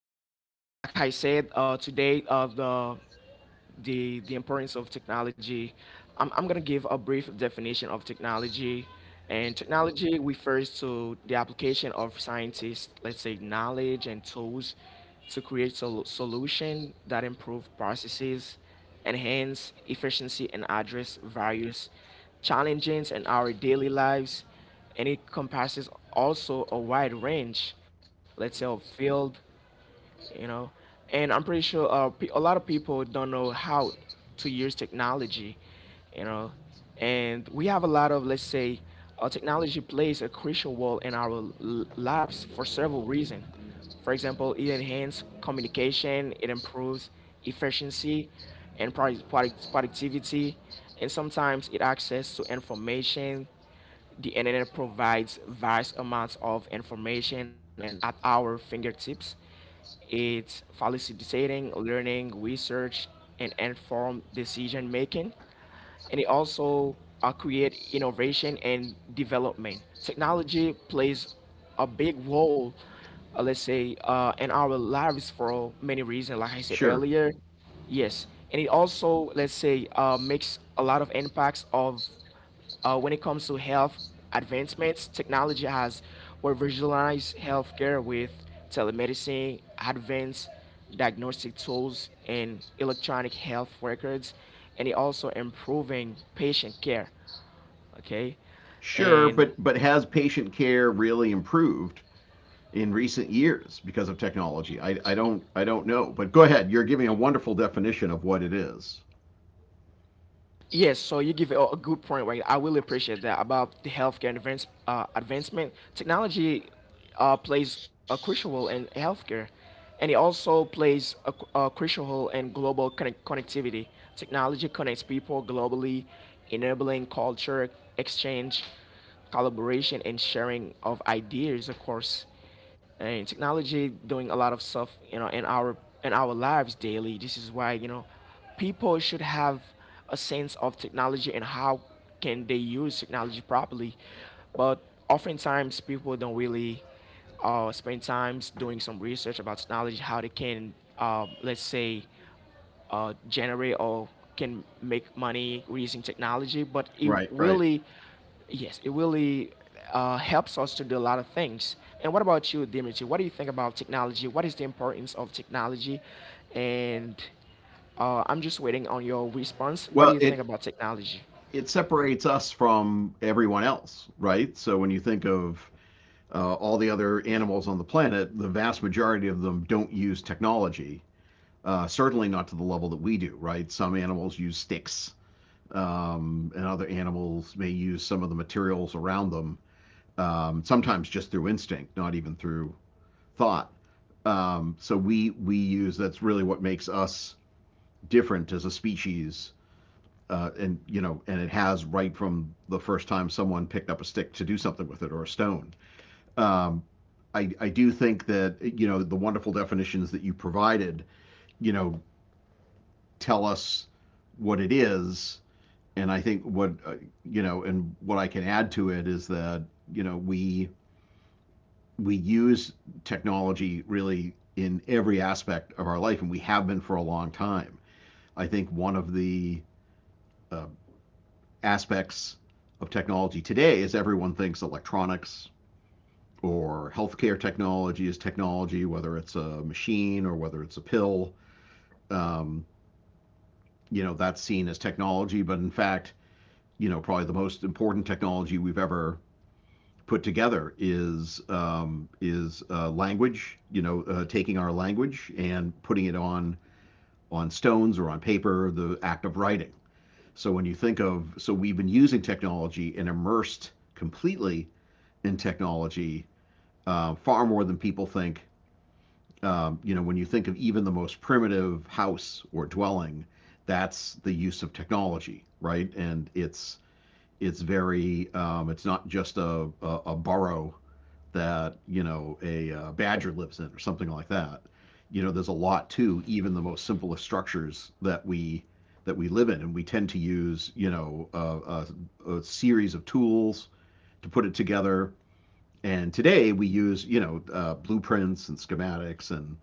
Like I said, today, the importance of technology. I'm going to give a brief definition of technology. And technology refers to the application of scientists, let's say, knowledge and tools to create solutions that improve processes, enhance efficiency, and address various challenges in our daily lives. And it encompasses also a wide range, let's say, of field you know. And I'm pretty sure a lot of people don't know how to use technology, you know. And we have a lot of, let's say, technology plays a crucial role in our lives for several reasons. For example, it enhances communication, it improves efficiency and productivity, and sometimes it access to information. The internet provides vast amounts of information and at our fingertips. It's facilitating learning, research, and informed decision making, and it also create innovation and development. Technology plays a big role, let's say, in our lives for many reasons. Like I said Sure. earlier, yes, and it also, let's say, makes a lot of impacts of when it comes to health advancements, technology has revolutionized healthcare with telemedicine, advanced diagnostic tools, and electronic health records, and it also improving patient care. Okay, Sure, and but has patient care really improved in recent years because of technology? I don't know. But go ahead. You're giving a wonderful definition of what it is. yes, so you give a good point, right? I really appreciate that about the healthcare advance, advancement. Technology plays a crucial role in healthcare, and it also plays a, a crucial role in global connectivity. Technology connects people globally, enabling culture exchange, collaboration, and sharing of ideas, of course, and technology doing a lot of stuff, you know, in our lives daily. This is why, you know, people should have a sense of technology and how can they use technology properly, but oftentimes people don't really spend times doing some research about technology, how they can let's say generate or can make money using technology, but it Right, right. really, yes, it really helps us to do a lot of things. And what about you, Dimitri? What do you think about technology? What is the importance of technology? And I'm just waiting on your response. What do Well, you think about technology? it separates us from everyone else, right? So when you think of all the other animals on the planet, the vast majority of them don't use technology. Certainly not to the level that we do, right? Some animals use sticks, and other animals may use some of the materials around them, sometimes just through instinct, not even through thought. So we use, that's really what makes us different as a species, and you know, and it has, right from the first time someone picked up a stick to do something with it or a stone. Um, I do think that you know the wonderful definitions that you provided, you know, tell us what it is, and I think what you know, and what I can add to it is that you know we use technology really in every aspect of our life, and we have been for a long time. I think one of the uh, aspects of technology today is everyone thinks electronics or healthcare technology is technology, whether it's a machine or whether it's a pill. Um, you know, that's seen as technology, but in fact, you know, probably the most important technology we've ever put together is language. You know, taking our language and putting it on stones or on paper, the act of writing. So when you think of, so we've been using technology and immersed completely in technology far more than people think. You know, when you think of even the most primitive house or dwelling, that's the use of technology, right? And it's very, it's not just a burrow that you know a badger lives in or something like that. You know, there's a lot to even the most simplest structures that we live in, and we tend to use, you know, a series of tools to put it together, and today we use, you know, blueprints and schematics and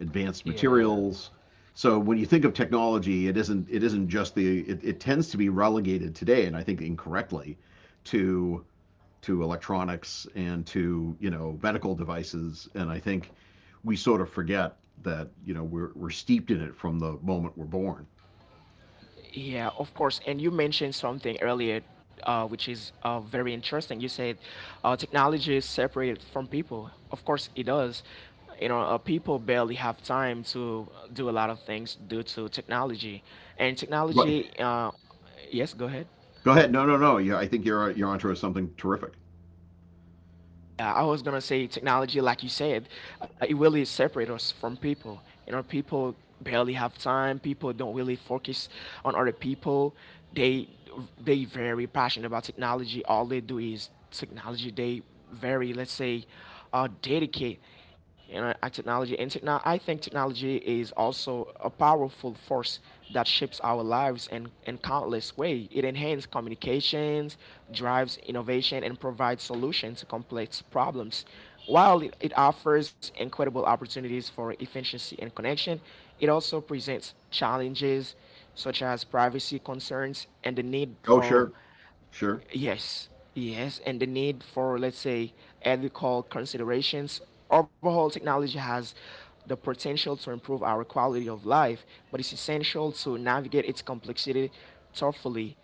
advanced Yeah. materials. So when you think of technology, it isn't just the, it tends to be relegated today, and I think incorrectly, to electronics and to, you know, medical devices. And I think we sort of forget that, you know, we're steeped in it from the moment we're born. Yeah, of course. And you mentioned something earlier, which is very interesting. You said technology is separated from people. Of course, it does. You know, people barely have time to do a lot of things due to technology. And Right. technology, yes, go ahead. Go ahead. No no no Yeah, I think you're onto something terrific. Yeah, I was gonna say technology, like you said, it really separates us from people. You know, people barely have time. People don't really focus on other people. They they very passionate about technology. All they do is technology. They very, let's say, dedicate, you know, technology. And I think technology is also a powerful force that shapes our lives in countless ways. It enhances communications, drives innovation, and provides solutions to complex problems. While it offers incredible opportunities for efficiency and connection, it also presents challenges such as privacy concerns and the need Oh, for sure. Sure. yes, yes, and the need for, let's say, ethical considerations. Overall, technology has the potential to improve our quality of life, but it's essential to navigate its complexity thoughtfully.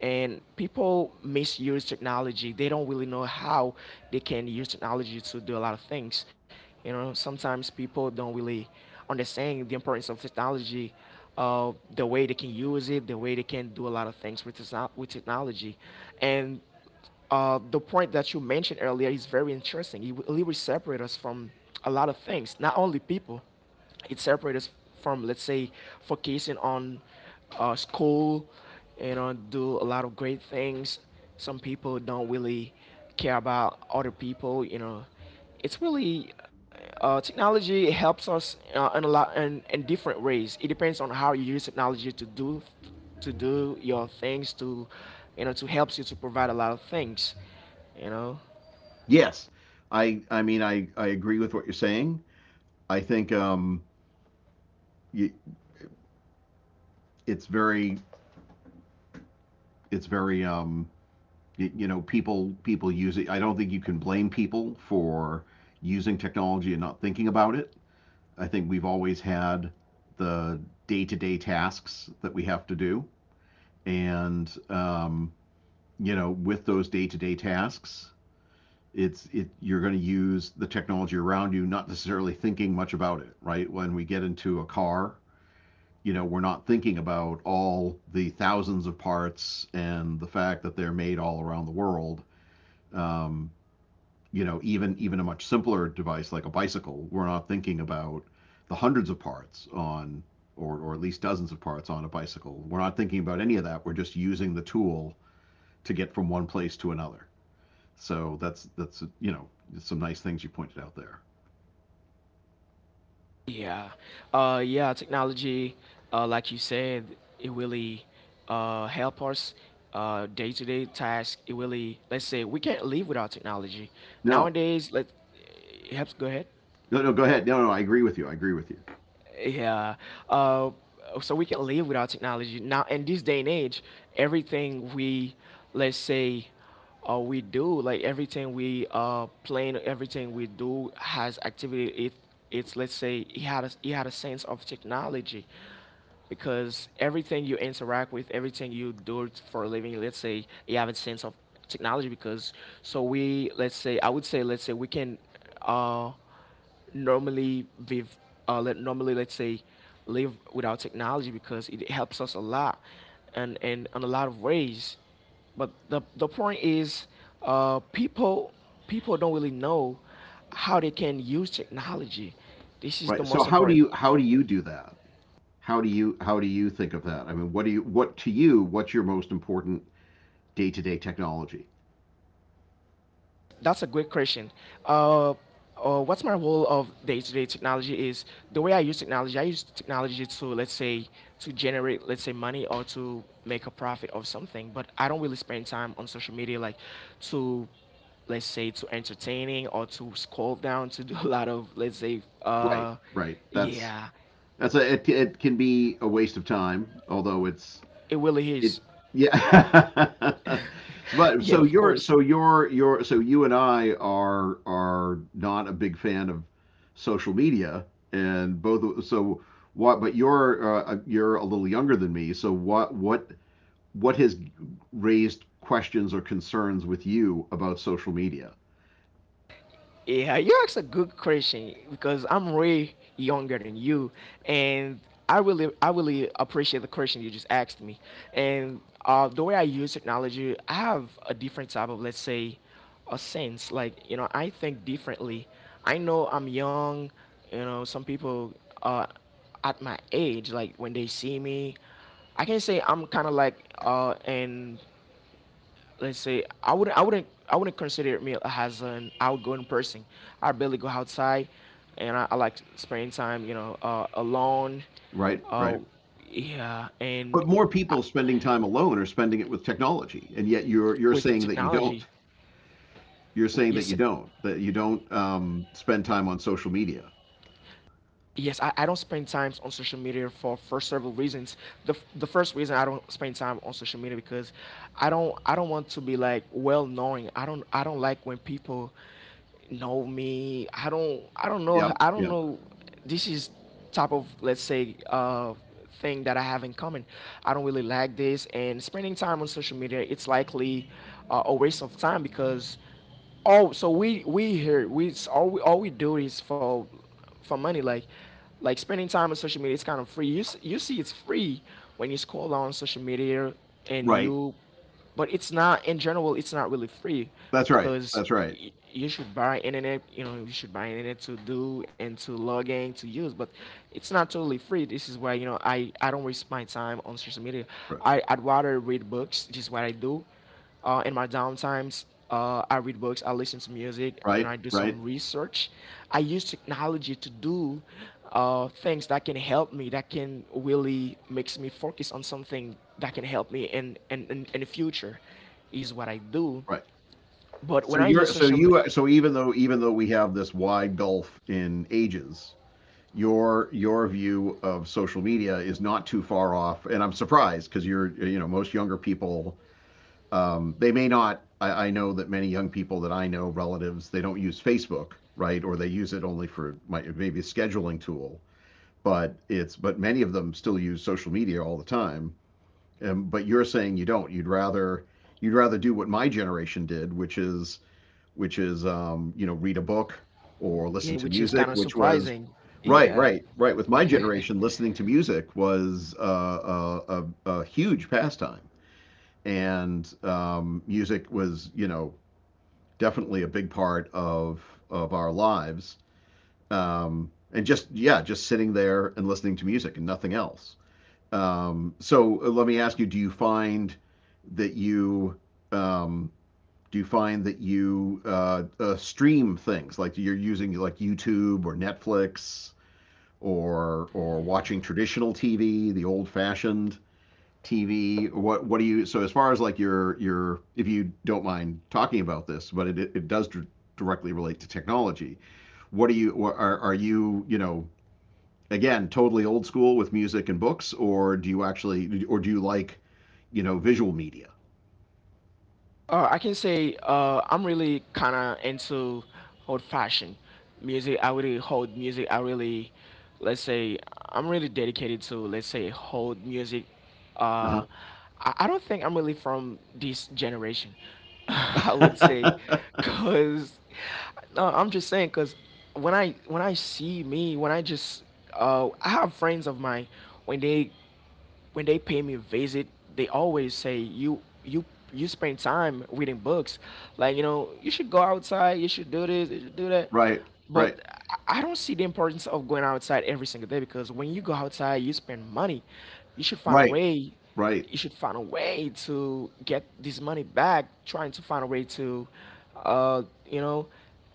And people misuse technology. They don't really know how they can use technology to do a lot of things. You know, sometimes people don't really understand the importance of technology, the way they can use it, the way they can do a lot of things with, with technology. And the point that you mentioned earlier is very interesting. It will separate us from a lot of things, not only people. It separates us from, let's say, focusing on school, you know, do a lot of great things. Some people don't really care about other people, you know, it's really technology helps us in a lot in different ways. It depends on how you use technology to do your things, to you know to helps you to provide a lot of things. You know, Yes. I mean I agree with what you're saying. I think, it's very it's very you know, people use it. I don't think you can blame people for using technology and not thinking about it. I think we've always had the day to day tasks that we have to do. And, you know, with those day to day tasks, it's it you're going to use the technology around you, not necessarily thinking much about it. Right, when we get into a car, you know, we're not thinking about all the thousands of parts and the fact that they're made all around the world. um, you know, even even a much simpler device like a bicycle, we're not thinking about the hundreds of parts on, or at least dozens of parts on a bicycle. We're not thinking about any of that. We're just using the tool to get from one place to another. So that's you know, some nice things you pointed out there. yeah, yeah. Technology, like you said, it really help us day-to-day task. It really, let's say, we can't live without technology No, nowadays. Let it helps. Go ahead. no, no. Go ahead. No, no. I agree with you. I agree with you. Yeah. Uh, so we can live without technology now. In this day and age, everything we, let's say, we do, like everything we plan, everything we do has activity. It it's, let's say, he had a sense of technology because everything you interact with, everything you do for a living, let's say you have a sense of technology because so we let's say I would say let's say we can uh normally with let normally let's say live without technology because it helps us a lot, and in a lot of ways, but the point is people people don't really know how they can use technology. This is the Right. So most important. How do you do that? How do you think of that? I mean, what do you, what to you, what's your most important day to day technology? That's a great question. Uh, what's my role of day-to-day technology is the way I use technology. I use technology to, let's say, to generate, let's say, money or to make a profit of something. But I don't really spend time on social media like to let's say to entertaining or to scroll down to do a lot of, let's say, Right. Right. That's, yeah, it can be a waste of time, although it's it really it is. yeah. So, but Yeah, of course. so you're so you and I are not a big fan of social media, and both. So what? But you're, you're a little younger than me. So what has raised questions or concerns with you about social media? Yeah, you asked a good question because I'm way younger than you, and I really appreciate the question you just asked me. And the way I use technology, I have a different type of, let's say, a sense. Like you know, I think differently. I know I'm young. You know, some people uh, at my age, like when they see me, I can say I'm kind of like an let's say I wouldn't consider me as an outgoing person. I barely go outside, and I like spending time, you know, alone. Right, right. Oh, yeah, and But more people spending time alone are spending it with technology, and yet you're with saying that you technology, don't. You're saying that yes, you don't, that you don't, spend time on social media. yes, I don't spend time on social media for several reasons. The, the first reason I don't spend time on social media because I don't want to be like well knowing. I don't like when people know me. I don't I don't know Yep, I don't yep. know This is type of, let's say, thing that I have in common. I don't really like this, and spending time on social media it's likely a waste of time because oh, so we here we s- all we do is for money, like spending time on social media. It's kind of free. You you see, it's free when you scroll down on social media and Right. you, but it's not in general. It's not really free That's right. because That's right. You should buy internet. You know, you should buy internet to do and to log in to use. But it's not totally free. This is why, you know, I don't waste my time on social media. Right. I'd rather read books, which is what I do in my downtimes. I read books, I listen to music, and Right. I do Right. some research. I use technology to do things that can help me, that can really makes me focus on something that can help me in in the future, is what I do. Right. But So when I you're use so social you media, so even though, even though we have this wide gulf in ages, your view of social media is not too far off, and I'm surprised because you're, you know, most younger people, they may not. I know that many young people that I know, relatives, they don't use Facebook, right? Or they use it only for, my, maybe a scheduling tool, but it's, but many of them still use social media all the time. And, but you're saying you don't. You'd rather do what my generation did, which is, you know, read a book or listen yeah, to which is kind music, of which was surprising, right, yeah. right, right. With my generation, listening to music was, a huge pastime, and, music was, you know, definitely a big part of our lives. And just yeah, just sitting there and listening to music and nothing else. Let me ask you: do you find that you, um, do you find that you, stream things like you're using like YouTube or Netflix, or watching traditional TV, the old-fashioned TV? What do you? So as far as like your, if you don't mind talking about this, but does directly relate to technology. What do you, are you, you know, again totally old school with music and books, or do you actually, or do you like, you know, visual media. I can say I'm really kind of into old fashioned music. I really hold music. I really, let's say, I'm really dedicated to, let's say, hold music. Uh, Uh-huh. I don't think I'm really from this generation, I would say, because, no, I'm just saying, because when I see me, when I just, I have friends of mine, when they when they pay me a visit, they always say you you you spend time reading books, like you know you should go outside, you should do this, you should do that. Right, But right, I don't see the importance of going outside every single day because when you go outside, you spend money. You should find a right, way right, to get this money back trying to find a way to uh, you know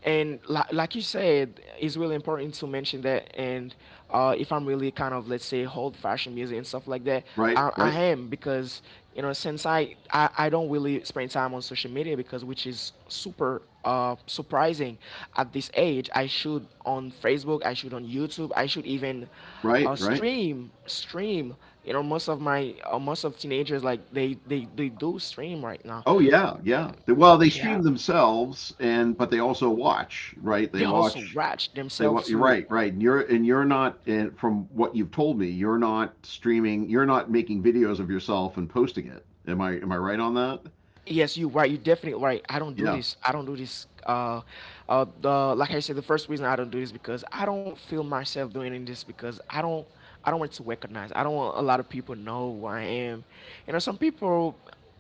like you said it's really important to mention that and If I'm really kind of, let's say, old fashioned music and stuff like that, right, I right, am because since I don't really spend time on social media because which is super surprising. At this age, I should on Facebook, I should on YouTube, I should even right, right. stream. Most of my most of teenagers, like they do stream right now. Oh yeah, yeah. They- Well, they stream Yeah, themselves and but they also watch, right? They they also watch, watch they wa themselves you're to. right, right. And you're, and you're not, and from what you've told me, you're not streaming, you're not making videos of yourself and posting it. Am I, am I right on that? Yes, you right. You definitely right. I don't do Yeah. this. I don't do this. The, like I said, the first reason I don't do this because I don't feel myself doing this because I don't. I don't want to recognize. I don't want a lot of people know who I am. You know, some people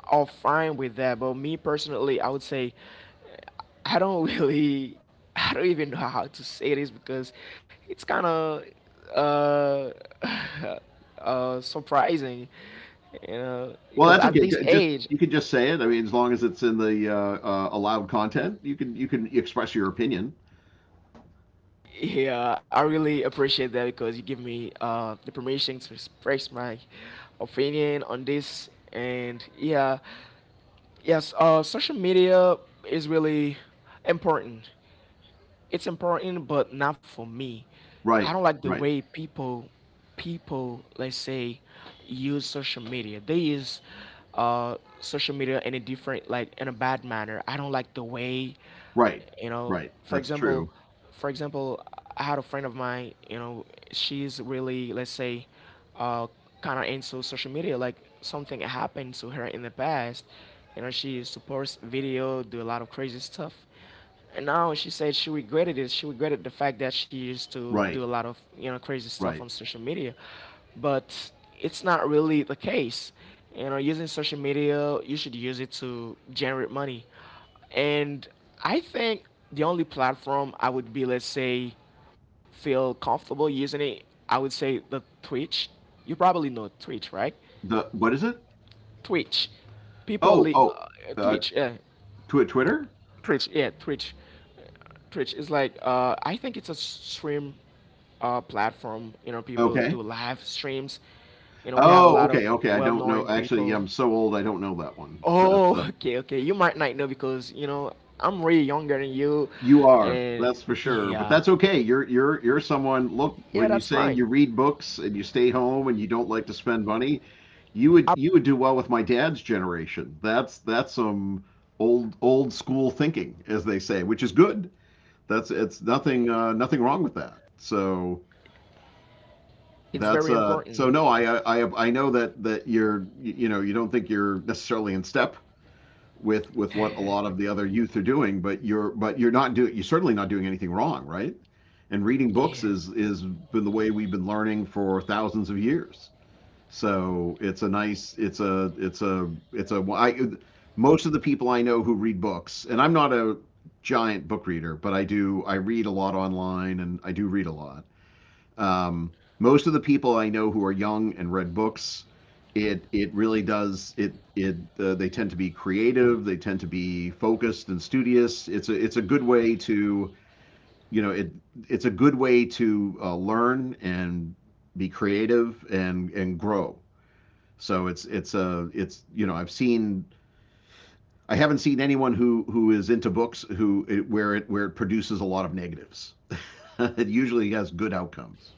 are fine with that, but me personally, I would say I don't really, I don't even know how to say this because it's kind of uh, surprising, you know, Well, because that's at okay. this Good. Just age. you can just say it. I mean, as long as it's in the, allowed content, you can express your opinion. Yeah, I really appreciate that because you give me the permission to express my opinion on this. And yeah, yes, social media is really important. It's important, but not for me. I Right, don't like the right, way people let's say use social media. They use social media in a different, like, in a bad manner. I don't like the way, right, you know right. for That's example, true. for example I had a friend of mine, you know. She's really, let's say, uh, kind of into social media. Like something happened to her in the past. You know, she used to post video, do a lot of crazy stuff. And now she said she regretted it. She regretted the fact that she used to do Right, a lot of, you know, crazy stuff right. on social media, but it's not really the case. You know, using social media, you should use it to generate money. And I think the only platform I would be, let's say, feel comfortable using it, I would say the Twitch. You probably know Twitch, right? The what is it? Twitch. Oh, oh, uh, Twitch, yeah. tw Twitter? Twitch, yeah, Twitch. Twitch is like, I think it's a stream platform. You know, people Okay. do live streams. You know, we have a Oh, lot of okay, okay. I don't know. well-known Actually, yeah, people. I'm so old. I don't know that one. That's Oh, okay, okay. You might not know because, you know, I'm way younger than you, you are. and That's for sure. But yeah, that's okay. You're someone. Look, yeah, when you're that's saying fine. you read books and you stay home and you don't like to spend money, Up, you would do well with my dad's generation. That's some old old school thinking, as they say, which is good. That's it's nothing, nothing wrong with that. So it's that's, very important. no, I know that you're, you know, you don't think you're necessarily in step with what a lot of the other youth are doing, but you're, but you're not doing, you're certainly not doing anything wrong, right? And reading Yeah, books is been the way we've been learning for thousands of years. So it's a nice, it's a. I, most of the people I know who read books, and I'm not a giant book reader, but I do, I read a lot online, and I do read a lot. Um, Most of the people I know who are young and read books, it really does, it they tend to be creative, they tend to be focused and studious. It's a, it's a good way to, you know, it's a good way to, learn and be creative and grow. So it's a it's you know, I've seen, I haven't seen anyone who is into books who, where it, produces a lot of negatives. It usually has good outcomes.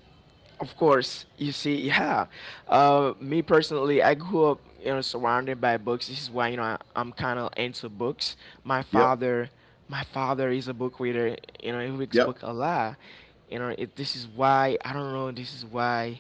of course. You see, yeah. Me personally, I grew up, you know, surrounded by books. This is why, you know, I'm kind of into books. My Yep. father, my father is a book reader. You know, he reads Yep. book a lot. You know, it, this is why I don't know. This is why.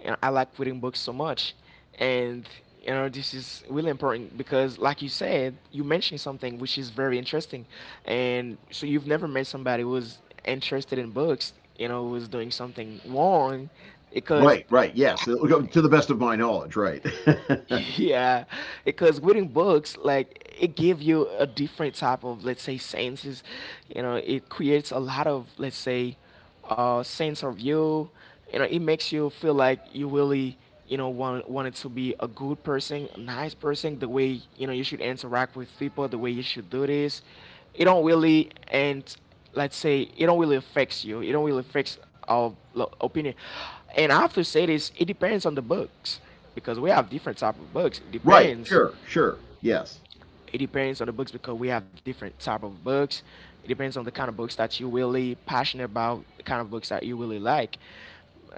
You know, I like reading books so much, and you know this is really important because, like you said, you mentioned something which is very interesting, and so you've never met somebody who's interested in books. You know, who's doing something wrong, because Right. Right. Yes. To the best of my knowledge. Right. yeah, because reading books, like it give you a different type of, let's say, senses. You know, it creates a lot of, let's say, sense of you. You know, it makes you feel like you really, you know, want wanted to be a good person, a nice person. The way, you know, you should interact with people, the way you should do this. It don't really end, let's say, it don't really affects you, it don't really affects our lo- opinion, and I have to say this, it depends on the books because we have different type of books. it Right. depends Sure. Sure. Yes. it depends on the books because we have different type of books. It depends on the kind of books that you really passionate about, the kind of books that you really like.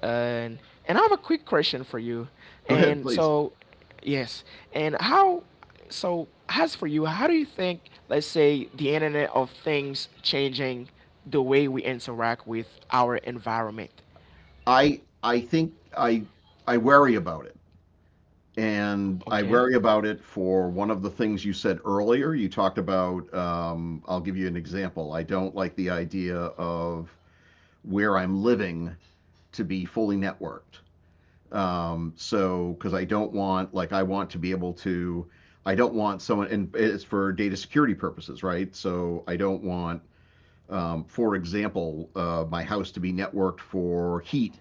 And I have a quick question for you. Go ahead, And please. so, yes. And how? So, as for you, how do you think, let's say, the Internet of Things changing the way we interact with our environment? I think I worry about it. And I Okay. worry about it for one of the things you said earlier. You talked about, I'll give you an example. I don't like the idea of where I'm living to be fully networked. So, because I don't want, like, I want to be able to, I don't want someone, and it's for data security purposes, right? So I don't want, for example, my house to be networked for heat.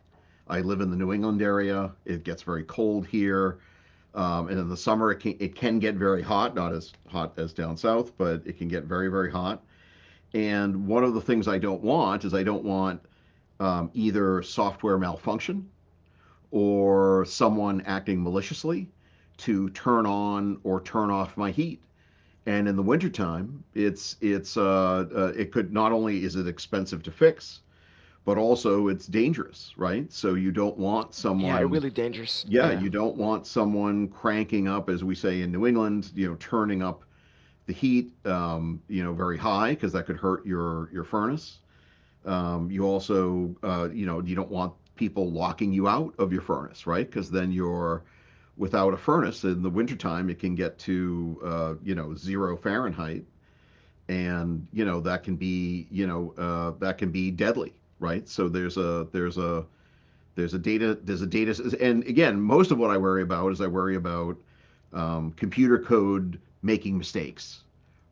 I live in the New England area. It gets very cold here. And in the summer, it can get very hot, not as hot as down south, but it can get very, very hot. And one of the things I don't want is I don't want either software malfunction or someone acting maliciously to turn on or turn off my heat. And in the wintertime, it could, not only is it expensive to fix, but also it's dangerous, right? So you don't want Yeah, it someone. really dangerous. Yeah, Yeah. you don't want someone cranking up, as we say in New England, turning up the heat, very high because that could hurt your furnace. You also, you don't want people locking you out of your furnace, right? Because then you're without a furnace in the wintertime. It can get to, zero Fahrenheit, and you know that can be, that can be deadly, right? So there's a data. There's a data. And again, most of what I worry about is I worry about computer code making mistakes,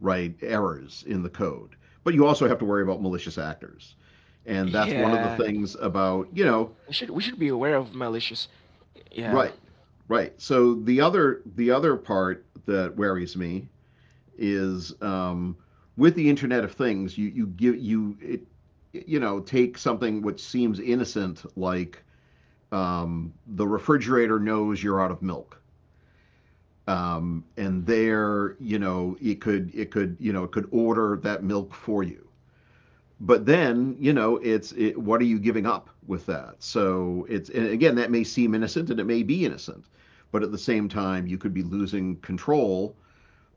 right? Errors in the code. But you also have to worry about malicious actors, and that's one of the Yeah. things about. We should, we should be aware of malicious. Yeah. Right, right. So the other part that worries me is, with the Internet of Things, you give you it, take something which seems innocent like, the refrigerator knows you're out of milk. And there, it could order that milk for you. But then, what are you giving up with that? So it's and again, that may seem innocent and it may be innocent, but at the same time you could be losing control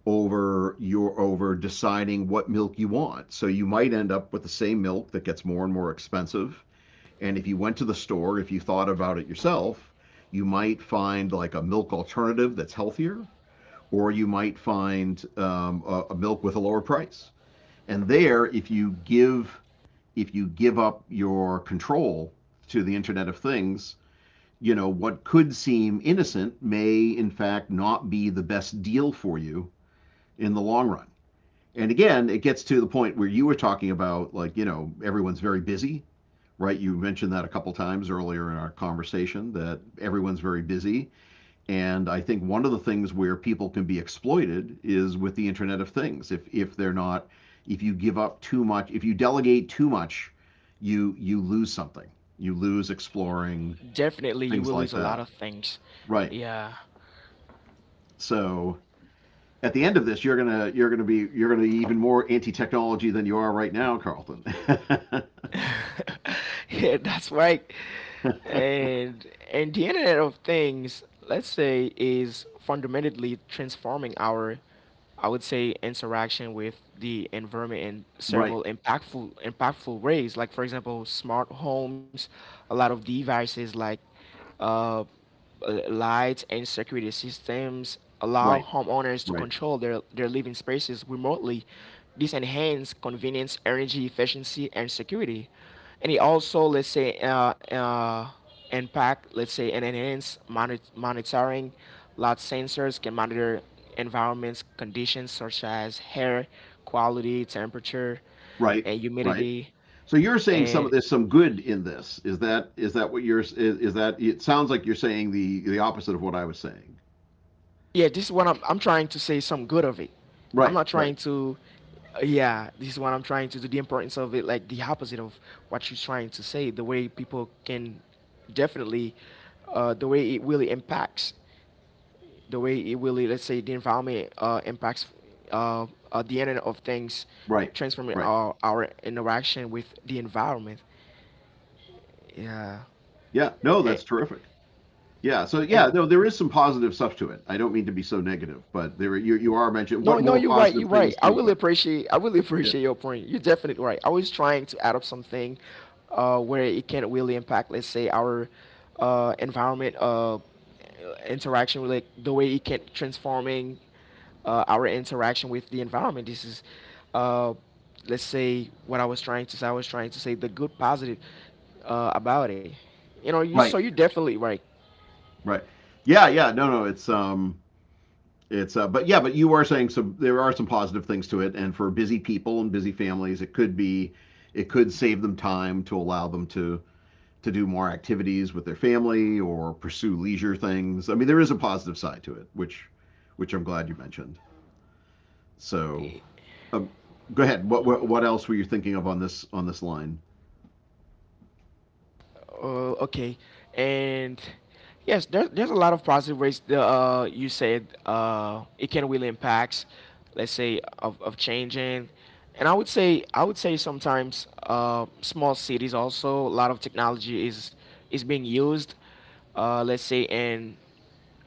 over deciding what milk you want. So you might end up with the same milk that gets more and more expensive, and if you went to the store, if you thought about it yourself, you might find like a milk alternative that's healthier, or you might find a milk with a lower price. And there, if you give up your control to the Internet of Things, you know what could seem innocent may in fact not be the best deal for you in the long run. And again, it gets to the point where you were talking about, like, everyone's very busy, right? You mentioned that a couple times earlier in our conversation that everyone's very busy. And I think one of the things where people can be exploited is with the Internet of Things. If they're not, if you give up too much, if you delegate too much, you lose something. You lose exploring Definitely, you will things lose like a lot of that. things. Right. Yeah, So at the end of this, you're gonna be even more anti-technology than you are right now, Carlton. yeah, that's right. And the Internet of Things, let's say, is fundamentally transforming our, I would say, interaction with the environment in Right, right, several impactful ways. Like for example, smart homes, a lot of devices like Uh, lights and security systems allow right, homeowners to control their living spaces remotely. This enhances convenience, energy efficiency, and security. And it also, let's say, impact, let's say, and enhance monitoring. Lot sensors can monitor environments conditions such as air quality, temperature, right, and right. humidity, So you're saying some of and this, some good in this. Is that what you're is, that, it sounds like you're saying the opposite of what I was saying. yeah, this is what I'm trying to say, some good of it. I'm Right, not right, trying to, yeah, this is what I'm trying to do. The importance of it, like the opposite of what you're trying to say, the way people can, definitely, the way it really impacts, the way it really, let's say, the environment impacts, uh, the Internet of Things, right, transforming right. Our interaction with the environment. Yeah. Yeah, no, And, that's terrific. Yeah, so yeah, and no, there is some positive stuff to it. I don't mean to be so negative, but there you are mentioning, no, what no, more you're right. positive You're right. things do I you really find? appreciate. I really Yeah, appreciate your point. You're definitely right. I was trying to add up something, where it can really impact, let's say, our environment, interaction with, like, the way it can transforming, our interaction with the environment. This is, uh, let's say, what I was trying to say. I was trying to say the good positive, about it. You know, you, so you're right, definitely right. right. Yeah, yeah, no, no, it's but yeah, but you are saying some there are some positive things to it, and for busy people and busy families, it could save them time to allow them to do more activities with their family or pursue leisure things. I mean, there is a positive side to it, which I'm glad you mentioned. So, um, go ahead. What else were you thinking of on this line? Okay, and yes, there's a lot of positive ways the, you said it can really impact, let's say, of changing, and I would say sometimes, small cities also, a lot of technology is being used, let's say, in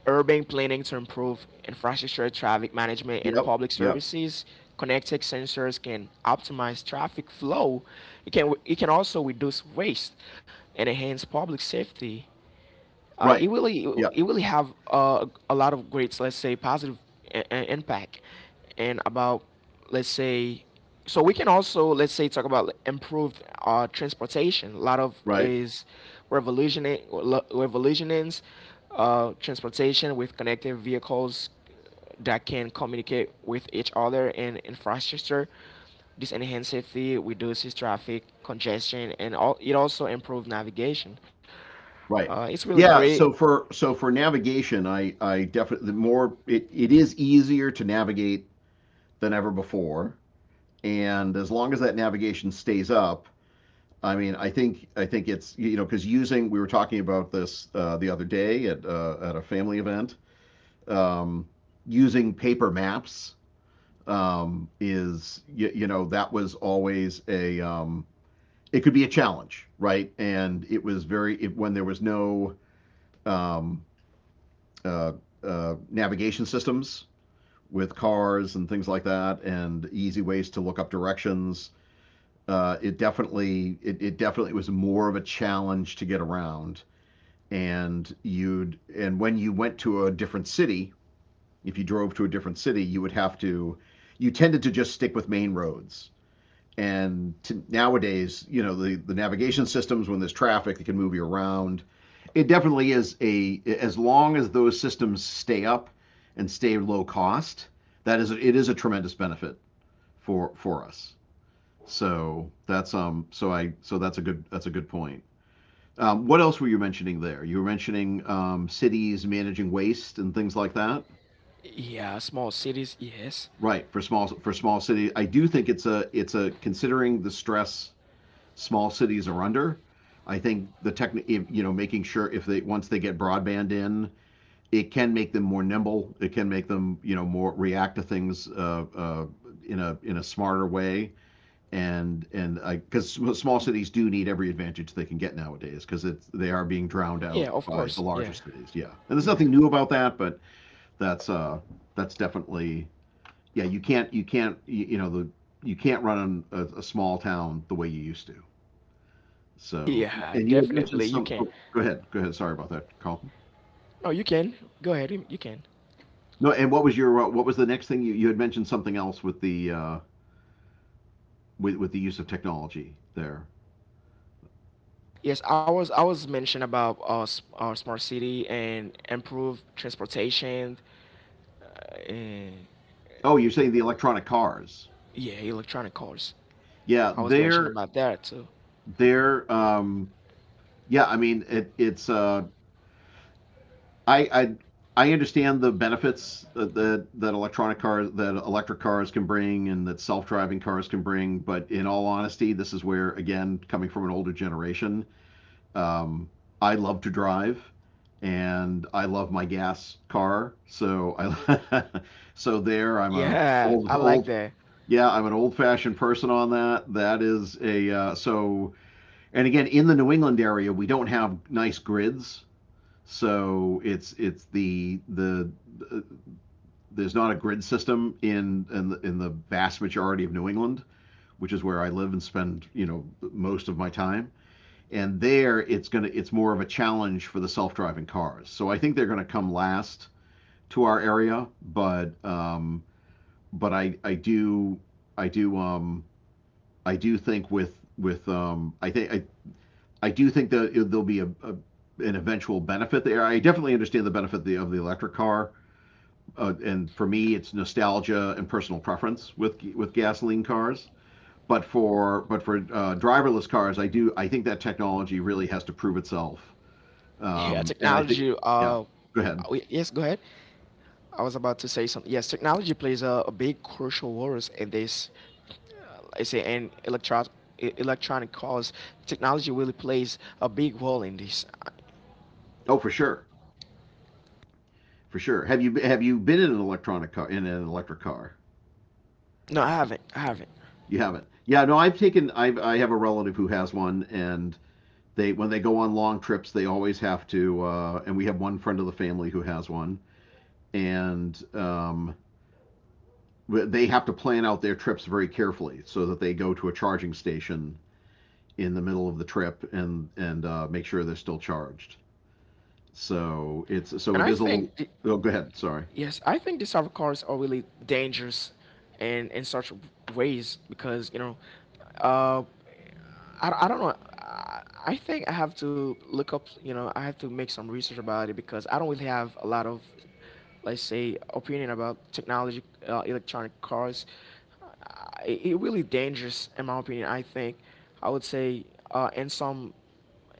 urban planning to improve infrastructure, traffic management, and Yep. public Yep. services. Connected sensors can optimize traffic flow. It can, it can also reduce waste and enhance public safety. It Right. really, it Yep. really have, a lot of great, let's say, positive impact. And about, let's say, so we can also, let's say, talk about improved transportation. A lot of Right. is revolutioning revolutionings transportation with connected vehicles that can communicate with each other and infrastructure. This enhances safety, reduces traffic congestion, and all, it also improves navigation. Right. It's really Yeah. great. So for navigation, I definitely, more it is easier to navigate than ever before, and as long as that navigation stays up, I mean, I think it's, because using we were talking about this, the other day at, at a family event. Um, using paper maps, is you, you know, that was always a, it could be a challenge, right? And it was very it, when there was no, um, uh, navigation systems with cars and things like that, and easy ways to look up directions. It definitely was more of a challenge to get around, and you'd and when you went to a different city, if you drove to a different city, you would have to. You tended to just stick with main roads. And nowadays, the navigation systems, when there's traffic, they can move you around. It definitely is a, as long as those systems stay up and stay low cost, that is, it is a tremendous benefit for us. So that's, so that's a good point. What else were you mentioning there? You were mentioning cities managing waste and things like that, Yeah, small cities, yes. right? For small cities, I do think it's a considering the stress small cities are under. I think the tech, making sure, if they, once they get broadband in, it can make them more nimble. It can make them, more react to things, in a smarter way. And I, because small cities do need every advantage they can get nowadays, because it's, they are being drowned out Yeah, of by the course. larger Yeah, cities. Yeah, and there's nothing yeah, new about that, but that's, that's definitely, yeah, you can't, you know the, you can't run a small town the way you used to. So, and yeah. you had mentioned Definitely, you some. can. Oh, go ahead, go ahead. Sorry about that, Carlton. No, you can. Go ahead, you can. No, and what was your, what was the next thing you had mentioned something else with the, with the use of technology there? Yes, I was, I was mentioned about smart city and improved transportation, and Oh, you're saying the electronic cars. yeah, electronic cars. Yeah, I was mentioned there about that too. There, yeah, I mean, it, it's I, I I understand the benefits that electronic cars, that electric cars can bring, and that self-driving cars can bring. But in all honesty, this is where, again, coming from an older generation, um, I love to drive, and I love my gas car. So I, so there, I'm a Yeah, old I old. like that. Yeah, I'm an old-fashioned person on that. That is a, so. And again, in the New England area, we don't have nice grids, so it's the there's not a grid system in the vast majority of New England, which is where I live and spend, most of my time. And there, it's more of a challenge for the self-driving cars. So I think they're gonna come last to our area, but, but I do I do I do think with I do think that there'll be a an eventual benefit there. I definitely understand the benefit of the, electric car, and for me, it's nostalgia and personal preference with gasoline cars. But for driverless cars, I think that technology really has to prove itself. Yeah, And I think, technology. yeah, go ahead. Yes, go ahead. I was about to say something. Yes, technology plays a big crucial role in this, I say, and electronic cars, technology really plays a big role in this. I- Oh, for sure, for sure. Have you been in an electric car? no, I haven't. I haven't. You haven't. Yeah, no, I've taken I've I have a relative who has one, and They when they go on long trips, they always have to. And we have one friend of the family who has one, and, they have to plan out their trips very carefully so that they go to a charging station in the middle of the trip, and make sure they're still charged. So it's, And it I is a little. think, th- Oh, go ahead. Sorry. Yes, I think these type of cars are really dangerous and in such ways because, you know, uh, I don't know. I think I have to look up, you know, I have to make some research about it because I don't really have a lot of, let's say, opinion about technology, electronic cars. Uh, it, it really dangerous, in my opinion. I think I would say uh, in some,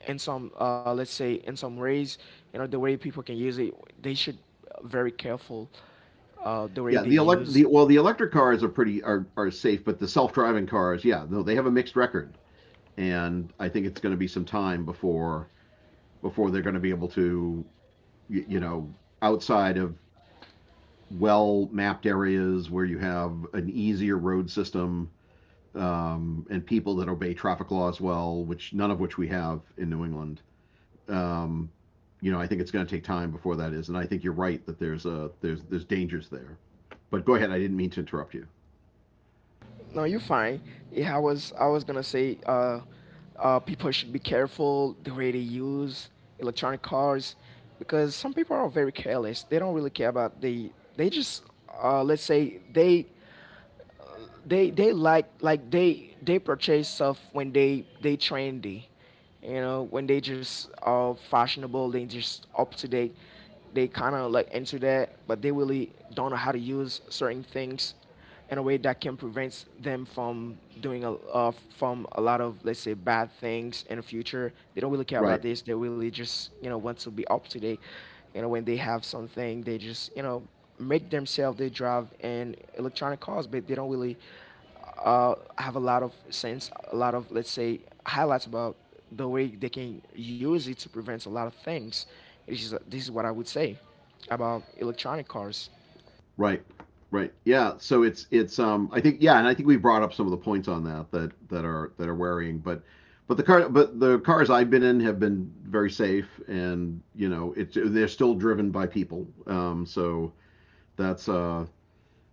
in some, let's say, in some ways, you know, the way people can use it, they should very careful the way they Yeah, the elect use. the well the electric cars are pretty, are safe, but the self driving cars, yeah, no, they have a mixed record, and I think it's going to be some time before they're going to be able to, y- you know, outside of well mapped areas where you have an easier road system, and people that obey traffic laws well, which none of which we have in New England. Um, I think it's going to take time before that is, and I think you're right that there's dangers there. But go ahead, I didn't mean to interrupt you. No, you're fine. Yeah, I was, I was gonna say, people should be careful the way they use electronic cars because some people are very careless. They don't really care about the, they just let's say they they like, they purchase stuff when they trendy, you know, when they just all fashionable, they just up to date. They kind of like into that, but they really don't know how to use certain things in a way that can prevent them from doing a from a lot of, let's say, bad things in the future. They don't really care about Right. this. They really just, you know, want to be up to date. You know, when they have something, they just, you know, make themselves they drive in electronic cars, but they don't really have a lot of sense, a lot of, let's say, highlights about the way they can use it to prevent a lot of things. It's just, this is what I would say about electronic cars. Right. Right. Yeah. So it's I think yeah, and I think we brought up some of the points on that that are that are worrying, but the car but the cars I've been in have been very safe, and you know it's they're still driven by people. So that's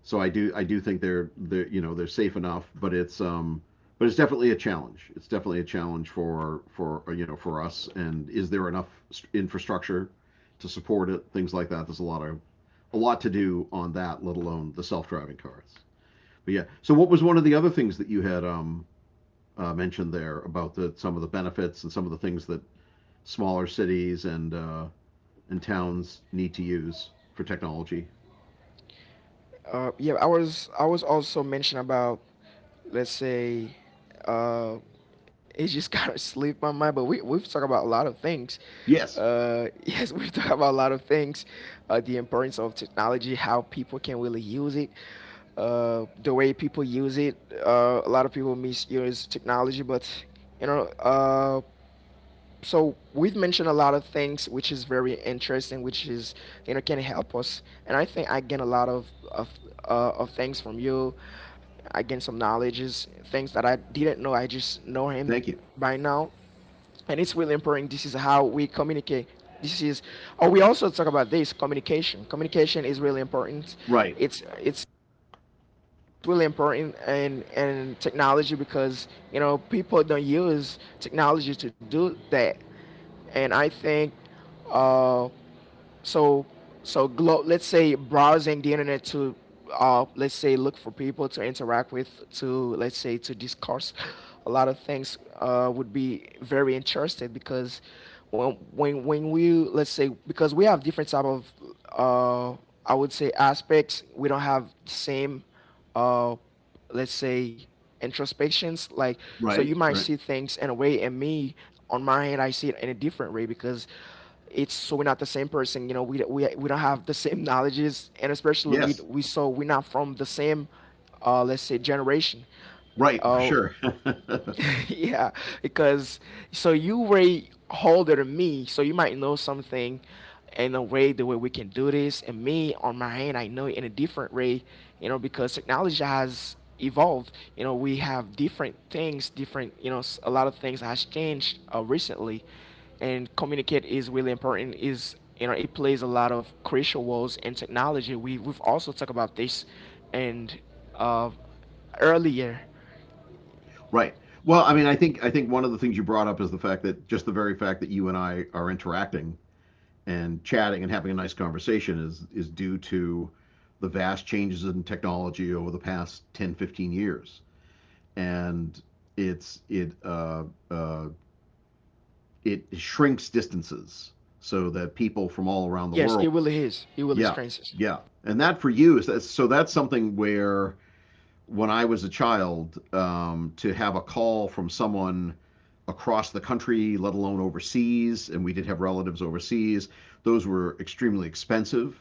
so I do think they're you know they're safe enough, but it's definitely a challenge. It's definitely a challenge for you know for us. And is there enough infrastructure to support it? Things like that. There's a lot of a lot to do on that, let alone the self-driving cars. But yeah. So what was one of the other things that you had mentioned there about the some of the benefits and some of the things that smaller cities and towns need to use for technology? Yeah, I was, I was also mentioning about, let's say, uh, it just kind of slipped my mind, but we, we've talked about a lot of things. Yes. Yes, we've talked about a lot of things, the importance of technology, how people can really use it, the way people use it. A lot of people misuse technology, but you know. So we've mentioned a lot of things, which is very interesting, which is, you know, can help us. And I think I gain a lot of things from you. I gain some knowledges, things that I didn't know. I just know him Thank you. by now, and it's really important. This is how we communicate. This is Oh, we also talk about this. Communication is really important. Right. It's it's it's really important, and technology, because you know people don't use technology to do that. And I think, uh, so let's say, browsing the internet to, let's say, look for people to interact with, to, let's say, to discuss a lot of things, would be very interesting, because when we, let's say, because we have different type of, uh, I would say, aspects. We don't have the same, uh, let's say, introspections, like, so you Right. might Right. see things in a way, and me, on my hand, I see it in a different way, because it's so we're not the same person, you know. We don't have the same knowledges. And especially Yes, we so we're not from the same, let's say, generation. right, for uh, sure. yeah, because, so, you way older than me, so you might know something in a way, the way we can do this. And me, on my hand, I know it in a different way, you know, because technology has evolved. You know, we have different things, different, you know, a lot of things has changed, recently, and communicate is really important. Is, you know, it plays a lot of crucial roles in technology. We've also talked about this, and, uh, earlier. Right. Well, I mean, I think one of the things you brought up is the fact that just the very fact that you and I are interacting and chatting and having a nice conversation is due to the vast changes in technology over the past 10, 15 years. And it's it uh, uh, it shrinks distances so that people from all around the Yes, world, it really is. It really yeah, strengthens. yeah. And that for you is that's so that's something where when I was a child to have a call from someone across the country, let alone overseas, and we did have relatives overseas. Those were extremely expensive.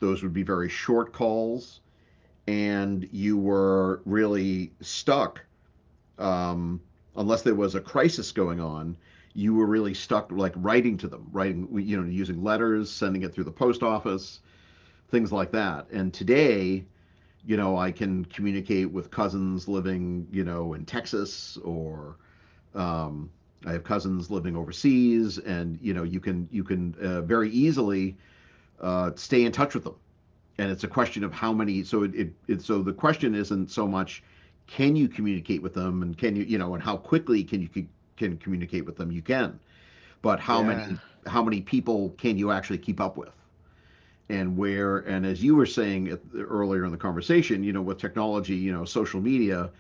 Those would be very short calls, and you were really stuck um, unless there was a crisis going on. You were really stuck, like writing to them, writing, you know, using letters, sending it through the post office, things like that. And today, you know, I can communicate with cousins living, you know, in Texas or um, I have cousins living overseas, and you know, you can very easily stay in touch with them. And it's a question of how many. So it so the question isn't so much can you communicate with them, and can you you know, and how quickly can can communicate with them? You can, but Yeah. How many people can you actually keep up with? And where and as you were saying earlier in the conversation, you know, with technology, you know, social media,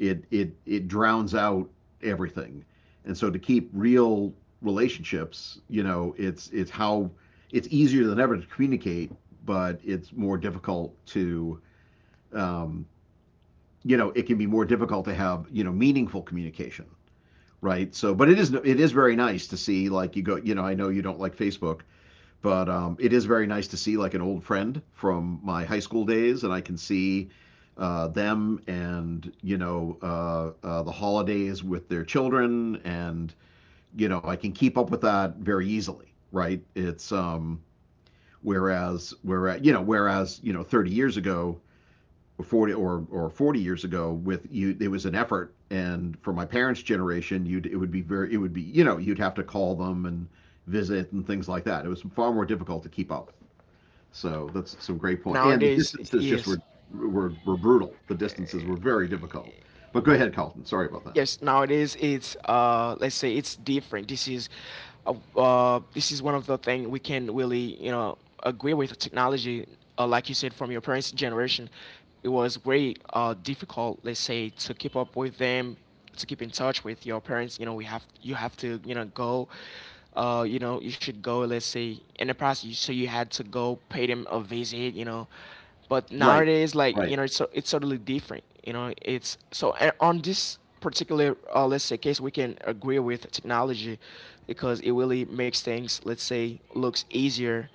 it drowns out everything. And so to keep real relationships, you know, it's easier than ever to communicate, but it's more difficult to, um, you know, it can be more difficult to have, you know, meaningful communication, right? So but it is very nice to see, like you know I know you don't like Facebook, but it is very nice to see like an old friend from my high school days, and I can see them and you know the holidays with their children, and you know I can keep up with that very easily, right? It's whereas you know whereas you know 30 years ago. 40 or 40 years ago with you it was an effort, and for my parents generation you'd it would be very it would be you know you'd have to call them and visit and things like that. It was far more difficult to keep up. So that's some great point. And the Nowadays, distances just yes. were brutal. The distances were very difficult. But go ahead, Carlton. Sorry about that. Yes, nowadays it's, let's say, it's different. This is, this is one of the thing we can really, you know, agree with technology. Like you said, from your parents generation, it was very difficult, let's say, to keep up with them, to keep in touch with your parents. You know, we have you have to, you know, go, you know, you should go, let's say, in the past, so you had to go pay them a visit, you know. But Right, nowadays, like, right, you know, it's totally different, you know. It's so And on this particular, let's say, case, we can agree with technology, because it really makes things, let's say, looks easier.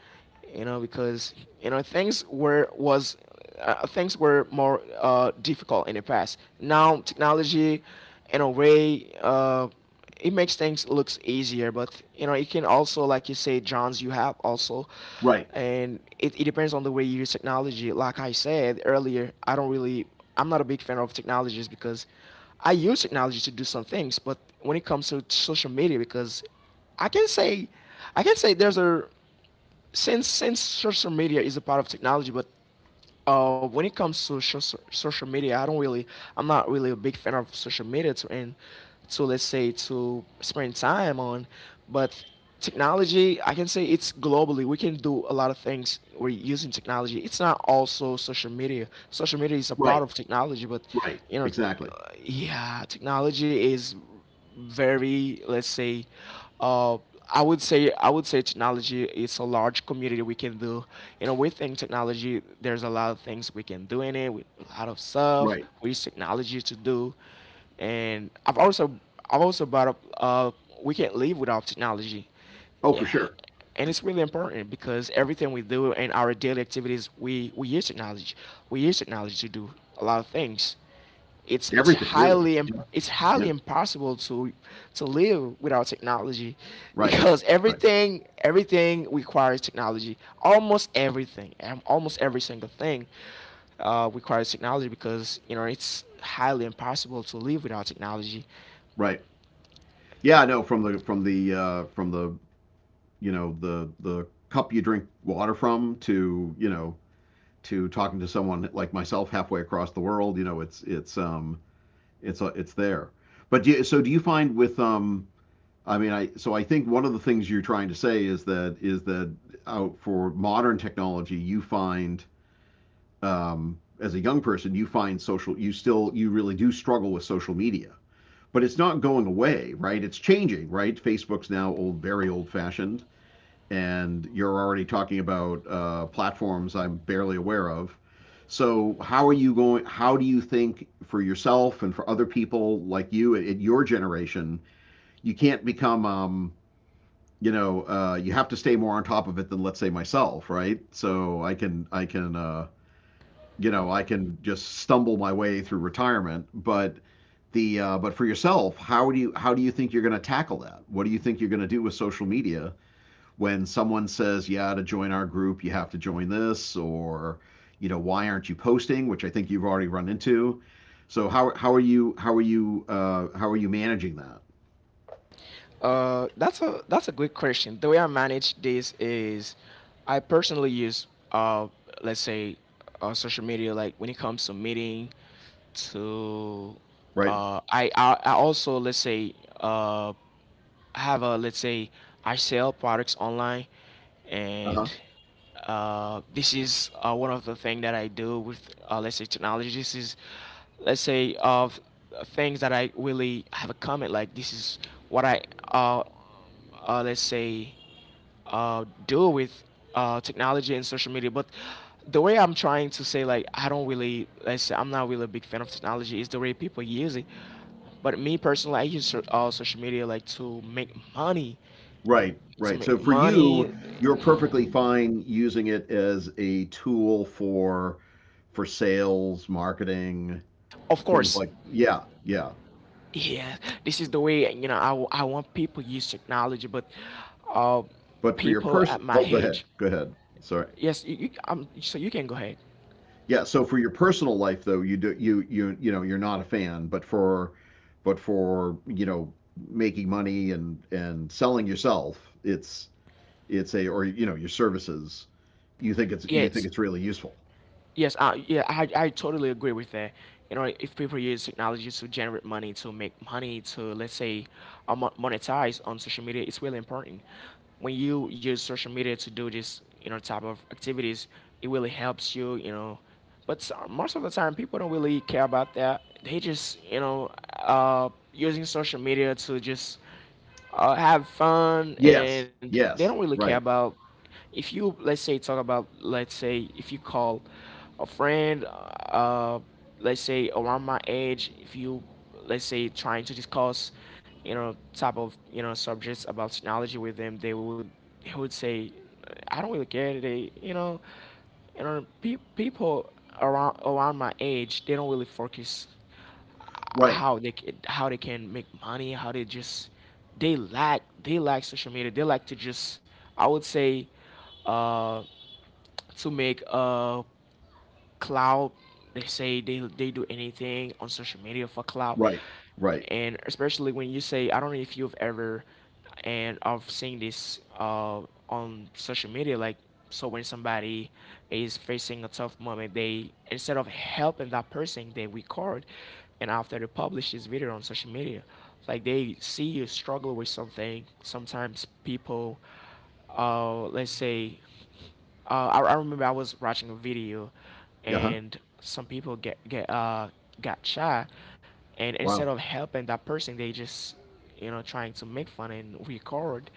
You know, because you know things were more, difficult in the past. Now technology, in a way, it makes things looks easier. But you know, it can also, like you say, Johns, you have also, right, and it depends on the way you use technology. Like I said earlier, I don't really I'm not a big fan of technologies, because I use technology to do some things. But when it comes to social media, because i can say I can say there's a, since social media is a part of technology. But when it comes to social media, I'm not really a big fan of social media to, and to, let's say, to spend time on. But technology, I can say, it's globally. We can do a lot of things. We're using technology. It's not also social media. Social media is a right, part of technology, but right. you know, Exactly. yeah, technology is very, let's say, uh, I would say technology is a large community. We can do, you know, within technology there's a lot of things we can do in it, with a lot of stuff Right. we use technology to do. And I've also brought up, we can't live without technology. Oh, for Yeah. sure. And it's really important, because everything we do in our daily activities, we use technology. We use technology to do a lot of things. Everything, really. Yeah. It's Yeah. highly impossible to live without technology, Right. because Right. everything requires technology, almost everything, and almost every single thing requires technology, because you know it's highly impossible to live without technology. Right. Yeah, no. From the you know the cup you drink water from to, you know, to talking to someone like myself halfway across the world, you know, it's there. But so do you find with I mean, I so I think one of the things you're trying to say is that out for modern technology, you find as a young person, you find social, you still you really do struggle with social media, but it's not going away, right? It's changing, right? Facebook's now old, very old fashioned, and you're already talking about platforms I'm barely aware of. So how are you going? How do you think for yourself and for other people like you at your generation, you can't become you know, you have to stay more on top of it than let's say myself, right? So I can you know I can just stumble my way through retirement, but the but for yourself, how do you think you're going to tackle that? What do you think you're going to do with social media when someone says, yeah, to join our group you have to join this, or you know why aren't you posting? Which I think you've already run into. So how are you how are you managing that? That's a good question. The way I manage this is, I personally use, let's say, social media, like when it comes to meeting, to, Right. I also, let's say, uh, have a, let's say, I sell products online, Uh-huh. and, this is, one of the things that I do with, let's say, technology. This is, let's say, of things that I really have a comment, like this is what I, uh, let's say, do with, technology and social media. But the way I'm trying to say, like, I don't really, let's say, I'm not really a big fan of technology, is the way people use it. But me personally, I use social media like to make money, Right, to right. So make for money. you, you're perfectly fine using it as a tool for sales, marketing, Of things course, like yeah, yeah. yeah, this is the way, you know, I want people to use technology. But, uh, But for your people at person, my oh, go ahead, age, go ahead. Sorry. yes, so you can go ahead. Yeah, so for your personal life though, you know, you're not a fan, but for you know, making money and selling yourself, it's a or you know, your services, you think Yes. it's really useful. Yes, yeah, I totally agree with that. You know, if people use technology to generate money, to make money, to, let's say, monetize on social media, it's really important. When you use social media to do this, you know, type of activities, it really helps you, you know. But most of the time, people don't really care about that. They just, you know, using social media to just have fun, Yes, and they don't yes, really care right. about, if you, let's say, talk about, let's say, if you call a friend, uh let's say, around my age, if you, let's say, trying to discuss, you know, type of, you know, subjects about technology with them, they would, say, I don't really care today, you know. You know, people around my age, they don't really focus Right, how how they can make money, how they just, they lack social media. They like to just, I would say, uh, to make, clout. They say they do anything on social media for clout, right, right. and especially when you say, I don't know if you've ever, and I've seen this, on social media, like, so when somebody is facing a tough moment, they, instead of helping that person, they record, and after, they publish this video on social media. Like, they see you struggle with something sometimes. People, let's say, I remember, I was watching a video, Yeah, huh. and some people get got shot, and instead Wow. of helping that person, they just, you know, trying to make fun and record,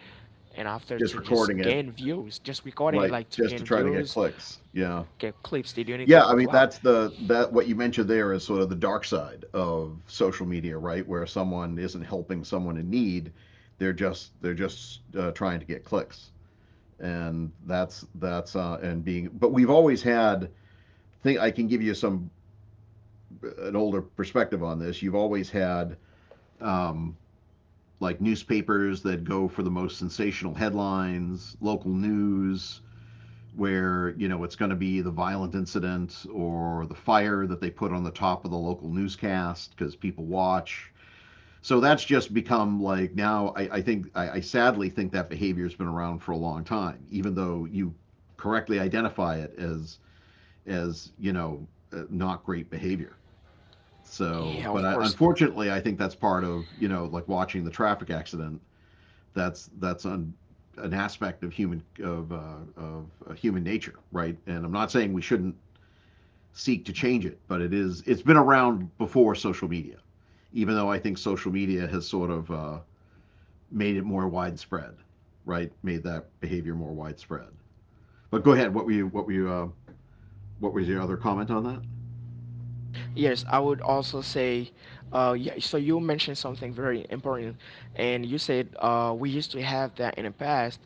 and after, Just to just recording it, gain views, just recording it, right, like, to just gain to try to get views, clicks. Yeah. get clips. They do anything Yeah, for I mean, clout. that's the that what you mentioned there is sort of the dark side of social media, right? Where someone isn't helping someone in need, they're just trying to get clicks. And that's and being but we've always had think I can give you some an older perspective on this. You've always had um like newspapers that go for the most sensational headlines, local news, where you know it's going to be the violent incident or the fire that they put on the top of the local newscast because people watch. So that's just become like now. I sadly think that behavior has been around for a long time, even though you correctly identify it as you know not great behavior. Yeah, of So, but course. I, unfortunately, I think that's part of you know like watching the traffic accident. that's that's un, an aspect of human of human nature, right? And I'm not saying we shouldn't seek to change it, but it's been around before social media. Even though I think social media has sort of made it more widespread, right? Made that behavior more widespread. But go ahead. What were you? What were you? What was your other comment on that? Yes, I would also say, yeah, so you mentioned something very important, and you said, we used to have that in the past,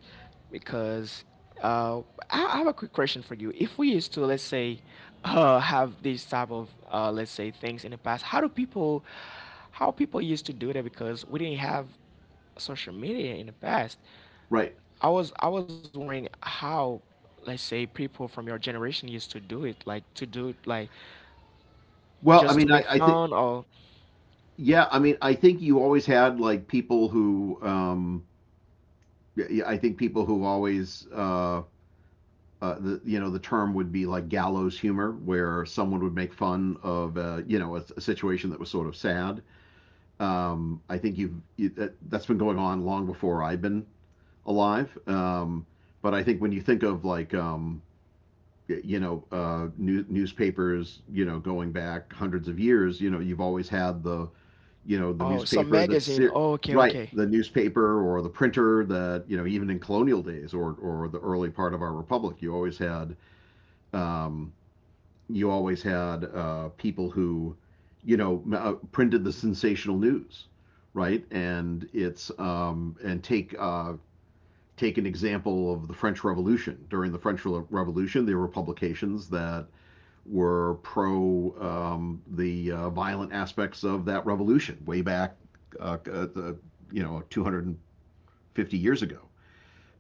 because, uh, I have a quick question for you. If we used to, let's say, have these type of, let's say, things in the past, how do people, how people used to do that, because we didn't have social media in the past. Right. I was wondering how, let's say, people from your generation used to do it, like to do it, like, Well, I just to mean, I, make I think fun, or... yeah. I mean, I think you always had like people who. Yeah, yeah, I think people who always. The you know the term would be like gallows humor, where someone would make fun of you know a situation that was sort of sad. I think that, that's been going on long before I've been alive. But I think when you think of like you know newspapers, you know going back hundreds of years, you know you've always had the you know the Oh, some magazine. Oh, okay, right okay. the newspaper or the printer that you know even in colonial days or the early part of our republic, you always had. Um, you always had people who, you know, printed the sensational news, right? And it's and take take an example of the French Revolution. During the French Revolution, there were publications that were pro the violent aspects of that revolution way back, uh, uh, the, you know, 250 years ago.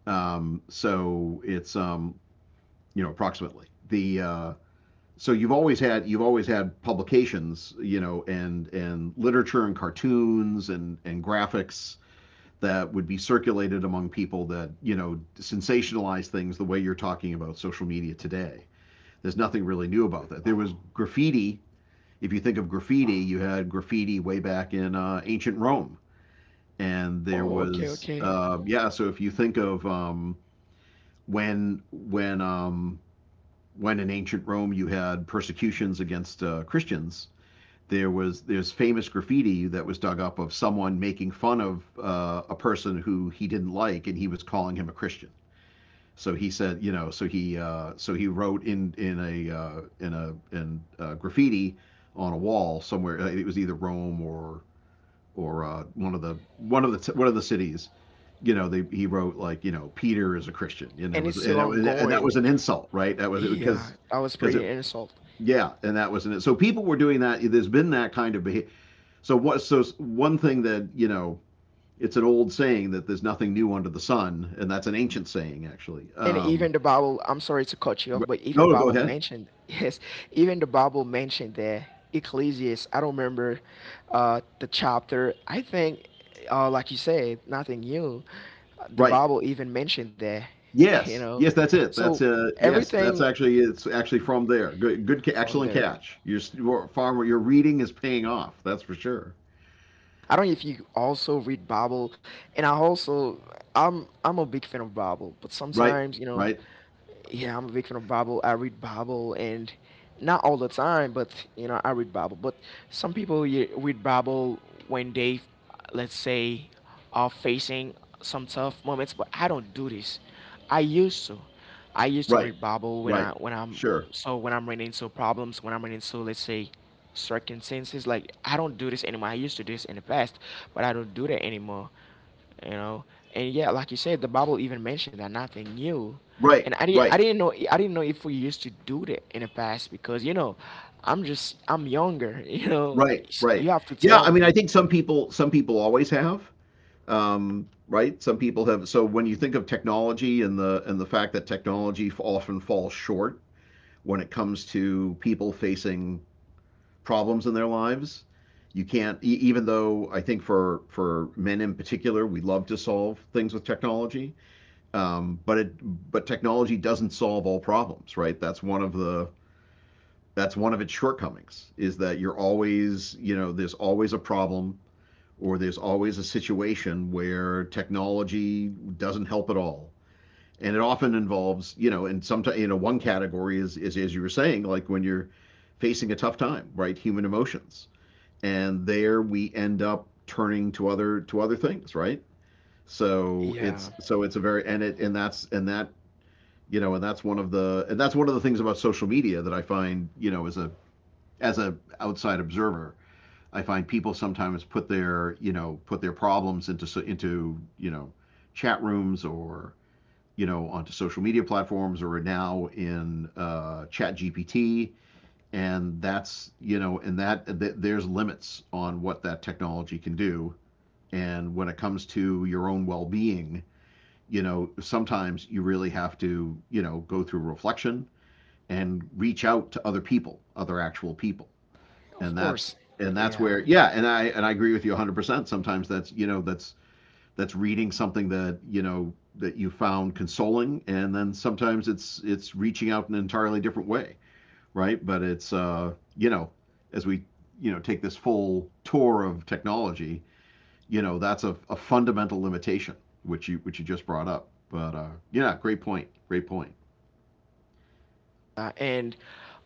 So it's you know approximately the so you've always had publications, you know, and literature and cartoons and graphics that would be circulated among people that you know sensationalize things the way you're talking about social media today. There's nothing really new about that. There was graffiti. If you think of graffiti, you had graffiti way back in ancient Rome, and there Oh, okay, was okay. Yeah. So if you think of when when in ancient Rome you had persecutions against Christians, there's famous graffiti that was dug up of someone making fun of a person who he didn't like, and he was calling him a Christian. So he said, you know, so he wrote in graffiti on a wall somewhere. It was either Rome or one of the one of the one of the cities. You know, he wrote like you know Peter is a Christian, and it And was it's still and, it, and that was ongoing. an insult, right? That was Yeah, that was because it pretty insult. yeah, and that was in it. So people were doing that. There's been that kind of behavior. So what? So one thing that, you know, it's an old saying that there's nothing new under the sun, and that's an ancient saying actually. And even the Bible, I'm sorry to cut you off, but even the No, go Bible ahead. mentioned, yes, even the Bible mentioned that. Ecclesiastes, I don't remember the chapter. I think, like you said, nothing new. The Right. Bible even mentioned that, you Yes. know. Yes, that's it. So That's everything actually it's actually from there. From Excellent there. catch. Your s- your farmer your reading is paying off. That's for sure. I don't know if you also read Bible, and I'm a big fan of Bible, but Right. sometimes, you know, Right. yeah, I'm a big fan of Bible. I read Bible, and not all the time, but you know, I read Bible. But some people, yeah, read Bible when they, let's say, are facing some tough moments, but I don't do this. i used to I used to Right. read Bible when I, Right. when I'm Sure. so when I'm running into problems, when I'm running into, let's say, circumstances. Like, I don't do this anymore. I used to do this in the past, but I don't do that anymore, you know. And yeah, like you said, the Bible even mentioned that, nothing new. And Right. Right. I didn't know if we used to do that in the past, because you know I'm younger. You know, Right. Right. you have to Yeah, tell I mean I me. think some people always have right? Some people have. So when you think of technology and the fact that technology often falls short when it comes to people facing problems in their lives, you can't. Even though I think for men in particular, we love to solve things with technology, but technology doesn't solve all problems, right? That's one of its shortcomings, is that you're always, you know, there's always a problem or there's always a situation where technology doesn't help at all. And it often involves, you know, and sometimes, you know, one category is, as you were saying, like when you're facing a tough time, right? Human emotions. And there we end up turning to other things, right? Yeah, So it's a very, and it, and that's, and that, you know, and that's one of the things about social media that I find, you know, as a outside observer, I find people sometimes put their problems into, you know, chat rooms or you know onto social media platforms or now in chat gpt. And that's, you know, and there's limits on what that technology can do. And when it comes to your own well-being, you know, sometimes you really have to, you know, go through reflection and reach out to other people, other actual people. of And that's course. and that's Yeah. where yeah, and I agree with you 100%. Sometimes that's, you know, that's reading something that you know that you found consoling, and then sometimes it's reaching out in an entirely different way, right? But it's uh, you know, as we, you know, take this full tour of technology, you know, that's a fundamental limitation which you just brought up. But uh, yeah, great point, great point. And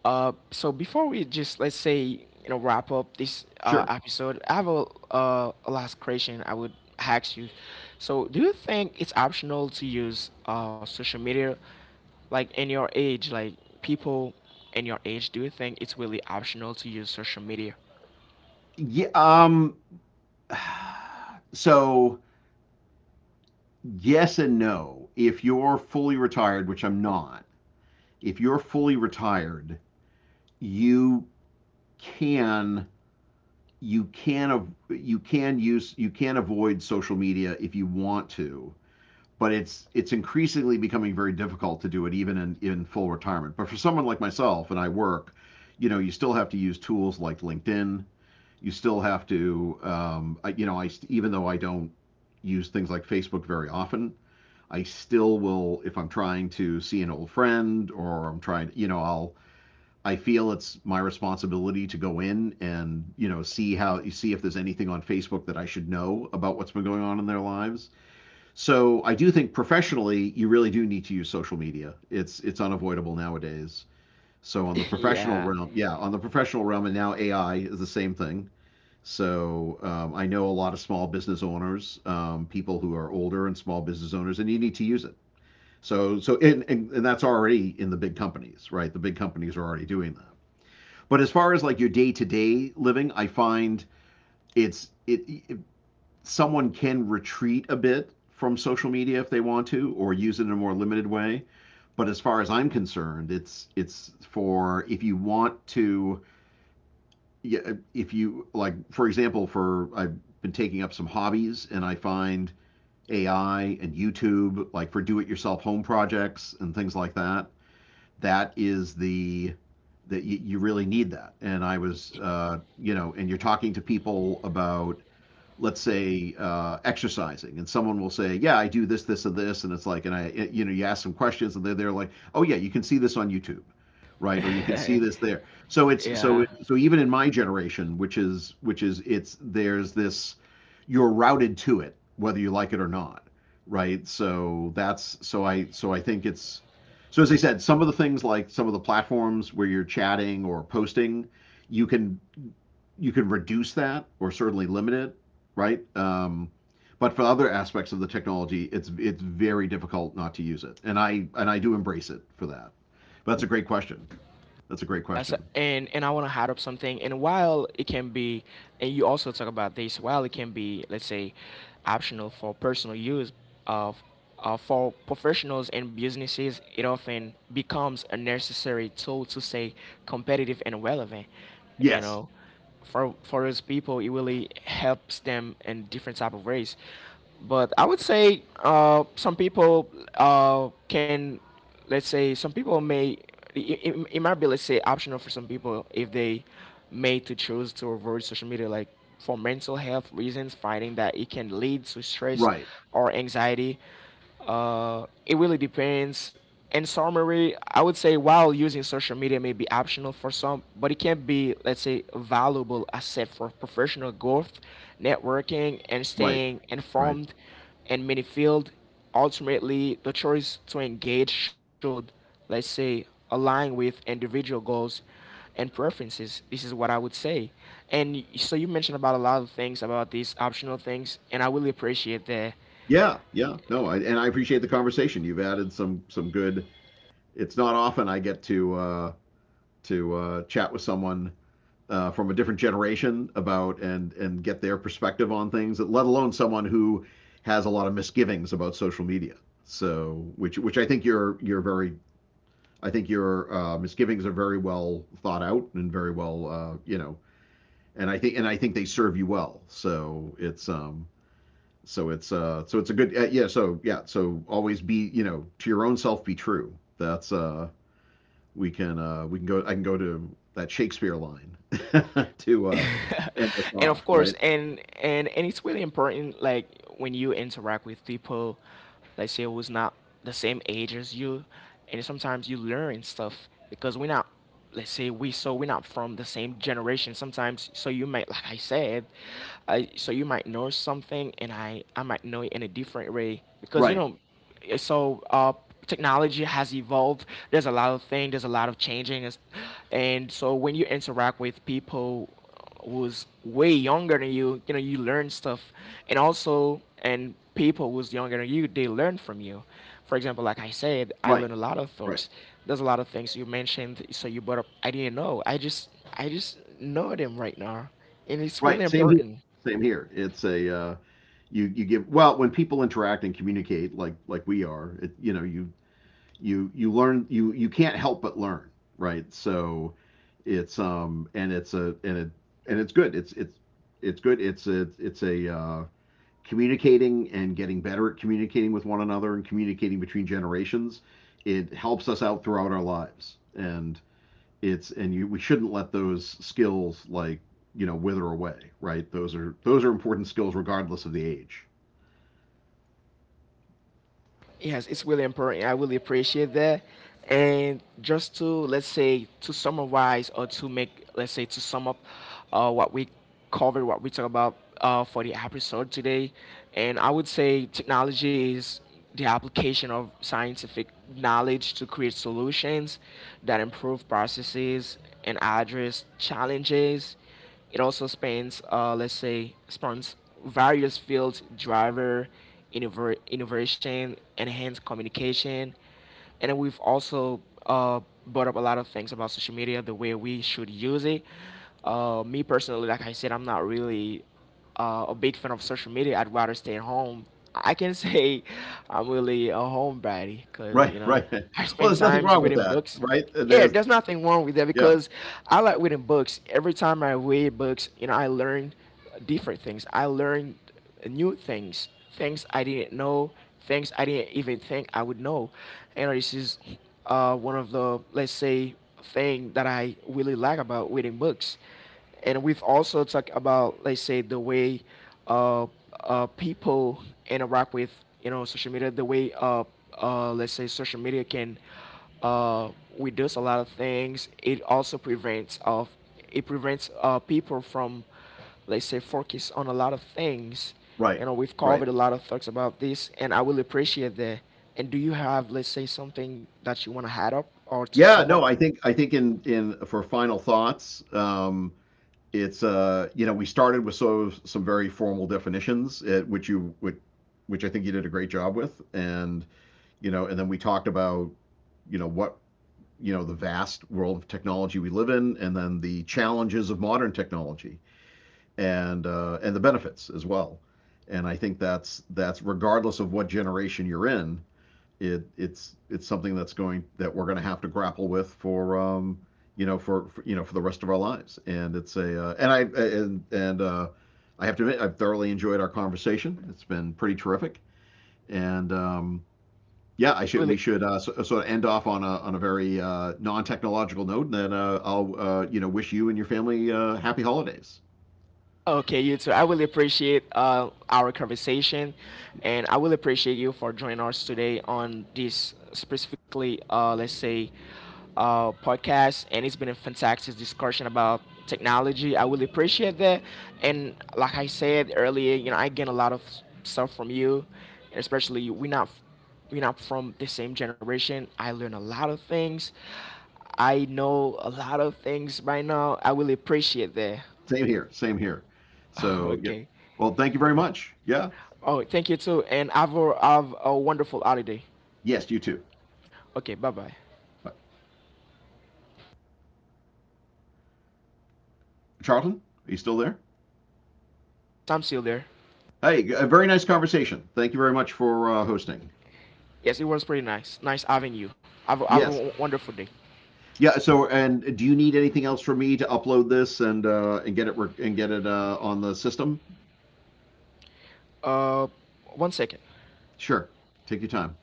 So before we just, let's say, you know, wrap up this, Sure. episode, I have a last question I would ask you. So do you think it's optional to use, social media, like in your age, like people in your age? Do you think it's really optional to use social media? Yeah, um, so yes and no. If you're fully retired, which I'm not, if you're fully retired, you can you can you can use, you can avoid social media if you want to, but it's increasingly becoming very difficult to do it even in full retirement. But for someone like myself, and I work, you know, you still have to use tools like LinkedIn. You still have to you know, I even though I don't use things like Facebook very often, I still will. If I'm trying to see an old friend or I'm trying, you know, I'll, I feel it's my responsibility to go in and, you know, see how, see if there's anything on Facebook that I should know about, what's been going on in their lives. So I do think professionally you really do need to use social media. It's unavoidable nowadays. So on the professional yeah, realm, yeah, on the professional realm, and now AI is the same thing. So I know a lot of small business owners, people who are older and small business owners, and you need to use it. So so and that's already in the big companies, right? The big companies are already doing that. But as far as like your day to day living, I find it's it someone can retreat a bit from social media if they want to, or use it in a more limited way. But as far as I'm concerned, it's for, if you want to, yeah, if you like, for example, for I've been taking up some hobbies, and I find AI and YouTube, like for do it yourself home projects and things like that, that is the, that you really need that. And I was, you know, and you're talking to people about, let's say, exercising, and someone will say, yeah, I do this, this, and this, and it's like, and you know, you ask some questions, and they're like, oh, yeah, you can see this on YouTube, right, or you can see this there. So it's so yeah. So even in my generation, which is it's there's this, you're routed to it whether you like it or not, right? So that's, so I, so I think it's, so as I said, some of the things like some of the platforms where you're chatting or posting, you can you can reduce that, or certainly limit it, right? But for other aspects of the technology, it's very difficult not to use it, and I do embrace it for that. But that's a great question. That's a great Yes, question. and I want to add up something. And while it can be, and you also talk about this, while it can be, let's say, optional for personal use of. For professionals and businesses, it often becomes a necessary tool to stay competitive and relevant. You Yes, know, for us people, it really helps them in different type of ways, but I would say, some people can, let's say some people may it, it might be, let's say, optional for some people if they made to choose to avoid social media, like for mental health reasons, finding that it can lead to stress right, or anxiety. It really depends. In summary, I would say while using social media may be optional for some, but it can be, let's say, a valuable asset for professional growth, networking, and right, staying right. informed in many fields. Ultimately, the choice to engage should, let's say, align with individual goals and preferences. This is what I would say. So you mentioned about a lot of things about these optional things, and I really appreciate that. Yeah, yeah. No, I, and I appreciate the conversation. You've added some good. It's not often I get to chat with someone from a different generation about and get their perspective on things, let alone someone who has a lot of misgivings about social media. So which I think you're very, I think your misgivings are very well thought out and very well you know, and I think they serve you well. So it's um, so it's uh, so it's a good yeah, so yeah, so always be, you know, to your own self be true. That's uh, we can go. I can go to that Shakespeare line to end us And of off. course, Right, and it's really important, like when you interact with people, let's say who's not the same age as you, and sometimes you learn stuff because we're not, let's say we, so we're not from the same generation sometimes. So you might, like I said, so you might know something, and I might know it in a different way because, you right, know, eh, so uh, technology has evolved. There's a lot of changing, and so when you interact with people who's way younger than you, you know, you learn stuff. And also, and people who's younger than you, they learn from you. For example, like I said, I right, learned a lot of right, things. There's a lot of things you mentioned, so you brought up, I didn't know, I just know them right now, and it's really right. Same here. important. Same here. It's a you you give well when people interact and communicate like we are. It, you know, you you learn, you can't help but learn. Right. So it's um, and it's a and it and it's good. It's good. It's a, it's a communicating and getting better at communicating with one another and communicating between generations, it helps us out throughout our lives. And it's, and you, we shouldn't let those skills, like, you know, wither away, right? Those are, those are important skills regardless of the age. Yes, it's really important. I really appreciate that. And just to, let's say, to summarize, or to make, let's say, to sum up what we covered, what we talked about for the episode today. And I would say technology is the application of scientific knowledge to create solutions that improve processes and address challenges. It also spans, let's say, spans various fields: driver, innovation, enhanced communication. And then we've also brought up a lot of things about social media, the way we should use it. Me personally, like I said, I'm not really a big fan of social media. I'd rather stay at home. I can say I'm really a homebody because, Right, you know, right. I Well, spend there's nothing times wrong with reading that, books. right? And Yeah, there's there's nothing wrong with that yeah, because I like reading books. Every time I read books, you know, I learn different things. I learn new things, things I didn't know, things I didn't even think I would know. You know, this is one of the, let's say, thing that I really like about reading books. And we've also talked about, let's say, the way uh, people interact with, you know, social media, the way let's say social media can uh, reduce a lot of things. It also prevents of, it prevents people from, let's say, focus on a lot of things. right, You know, we've right. covered a lot of thoughts about this, and I will appreciate that. And do you have, let's say, something that you want to add up or to Yeah, sum up? no, I think in, for final thoughts, it's you know, we started with sort of some very formal definitions, at which you which I think you did a great job with, and, you know, and then we talked about, you know, what, you know, the vast world of technology we live in, and then the challenges of modern technology, and the benefits as well. And I think that's regardless of what generation you're in, it, it's something that's going, that we're going to have to grapple with for um, you know, for, you know, for the rest of our lives. And it's a and I, and I have to admit, I've thoroughly enjoyed our conversation. It's been pretty terrific. And yeah, I should, we Really. should so, sort of end off on a, on a very non technological note, and then I'll you know, wish you and your family happy holidays. Okay, you too. I really appreciate our conversation, and I really appreciate you for joining us today on this, specifically, let's say, podcast. And it's been a fantastic discussion about technology. I really appreciate that. And like I said earlier, you know, I gain a lot of stuff from you, and especially we're not, we're not from the same generation. I learn a lot of things. I know a lot of things right now. I really appreciate that. Same here, same here. So, yep. Okay. Well, thank you very much. Yeah, Oh, thank you too, and have a wonderful holiday. yes, you too. Okay, bye bye. Charlton, are you still there? I'm still there. Hey, a very nice conversation. Thank you very much for hosting. Yes, it was pretty nice. Nice having you. Have a Yes. Wonderful day. Yeah. So, and do you need anything else from me to upload this and and get it on the system? Uh, One second. Sure. Take your time.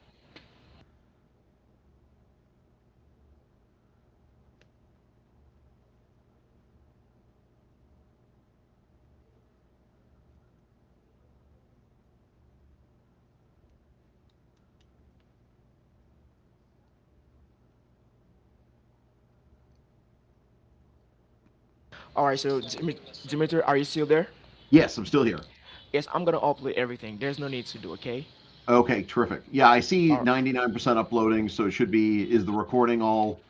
All right, so Dimitri, are you still there? Yes, I'm still here. Yes, I'm gonna upload everything. There's no need to do. Okay. Okay, terrific. Yeah, I see All right. 99% uploading, so it should be. Is the recording all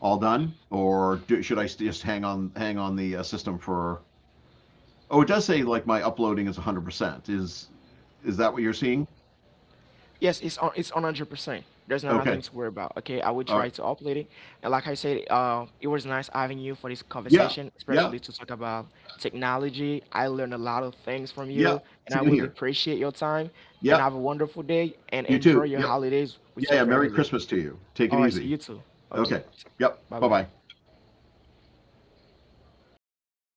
all done, or do, just hang on, hang on the system for? Oh, it does say like my uploading is 100%. Is that what you're seeing? Yes, it's on, it's on 100%. There's nothing Okay. to worry about. Okay, I will All try right. to upload it. And like I said, it was nice having you for this Yeah. conversation, Yeah. especially to talk about technology. I learned a lot of things from Yeah. you, and I Same really here. appreciate your time. And Yep. have a wonderful day and You enjoy too. your Yep. holidays Yeah, with your yeah. Merry family. Christmas to you. Take it All right, so easy. you too. Okay. Okay, Yep. bye Bye bye. bye.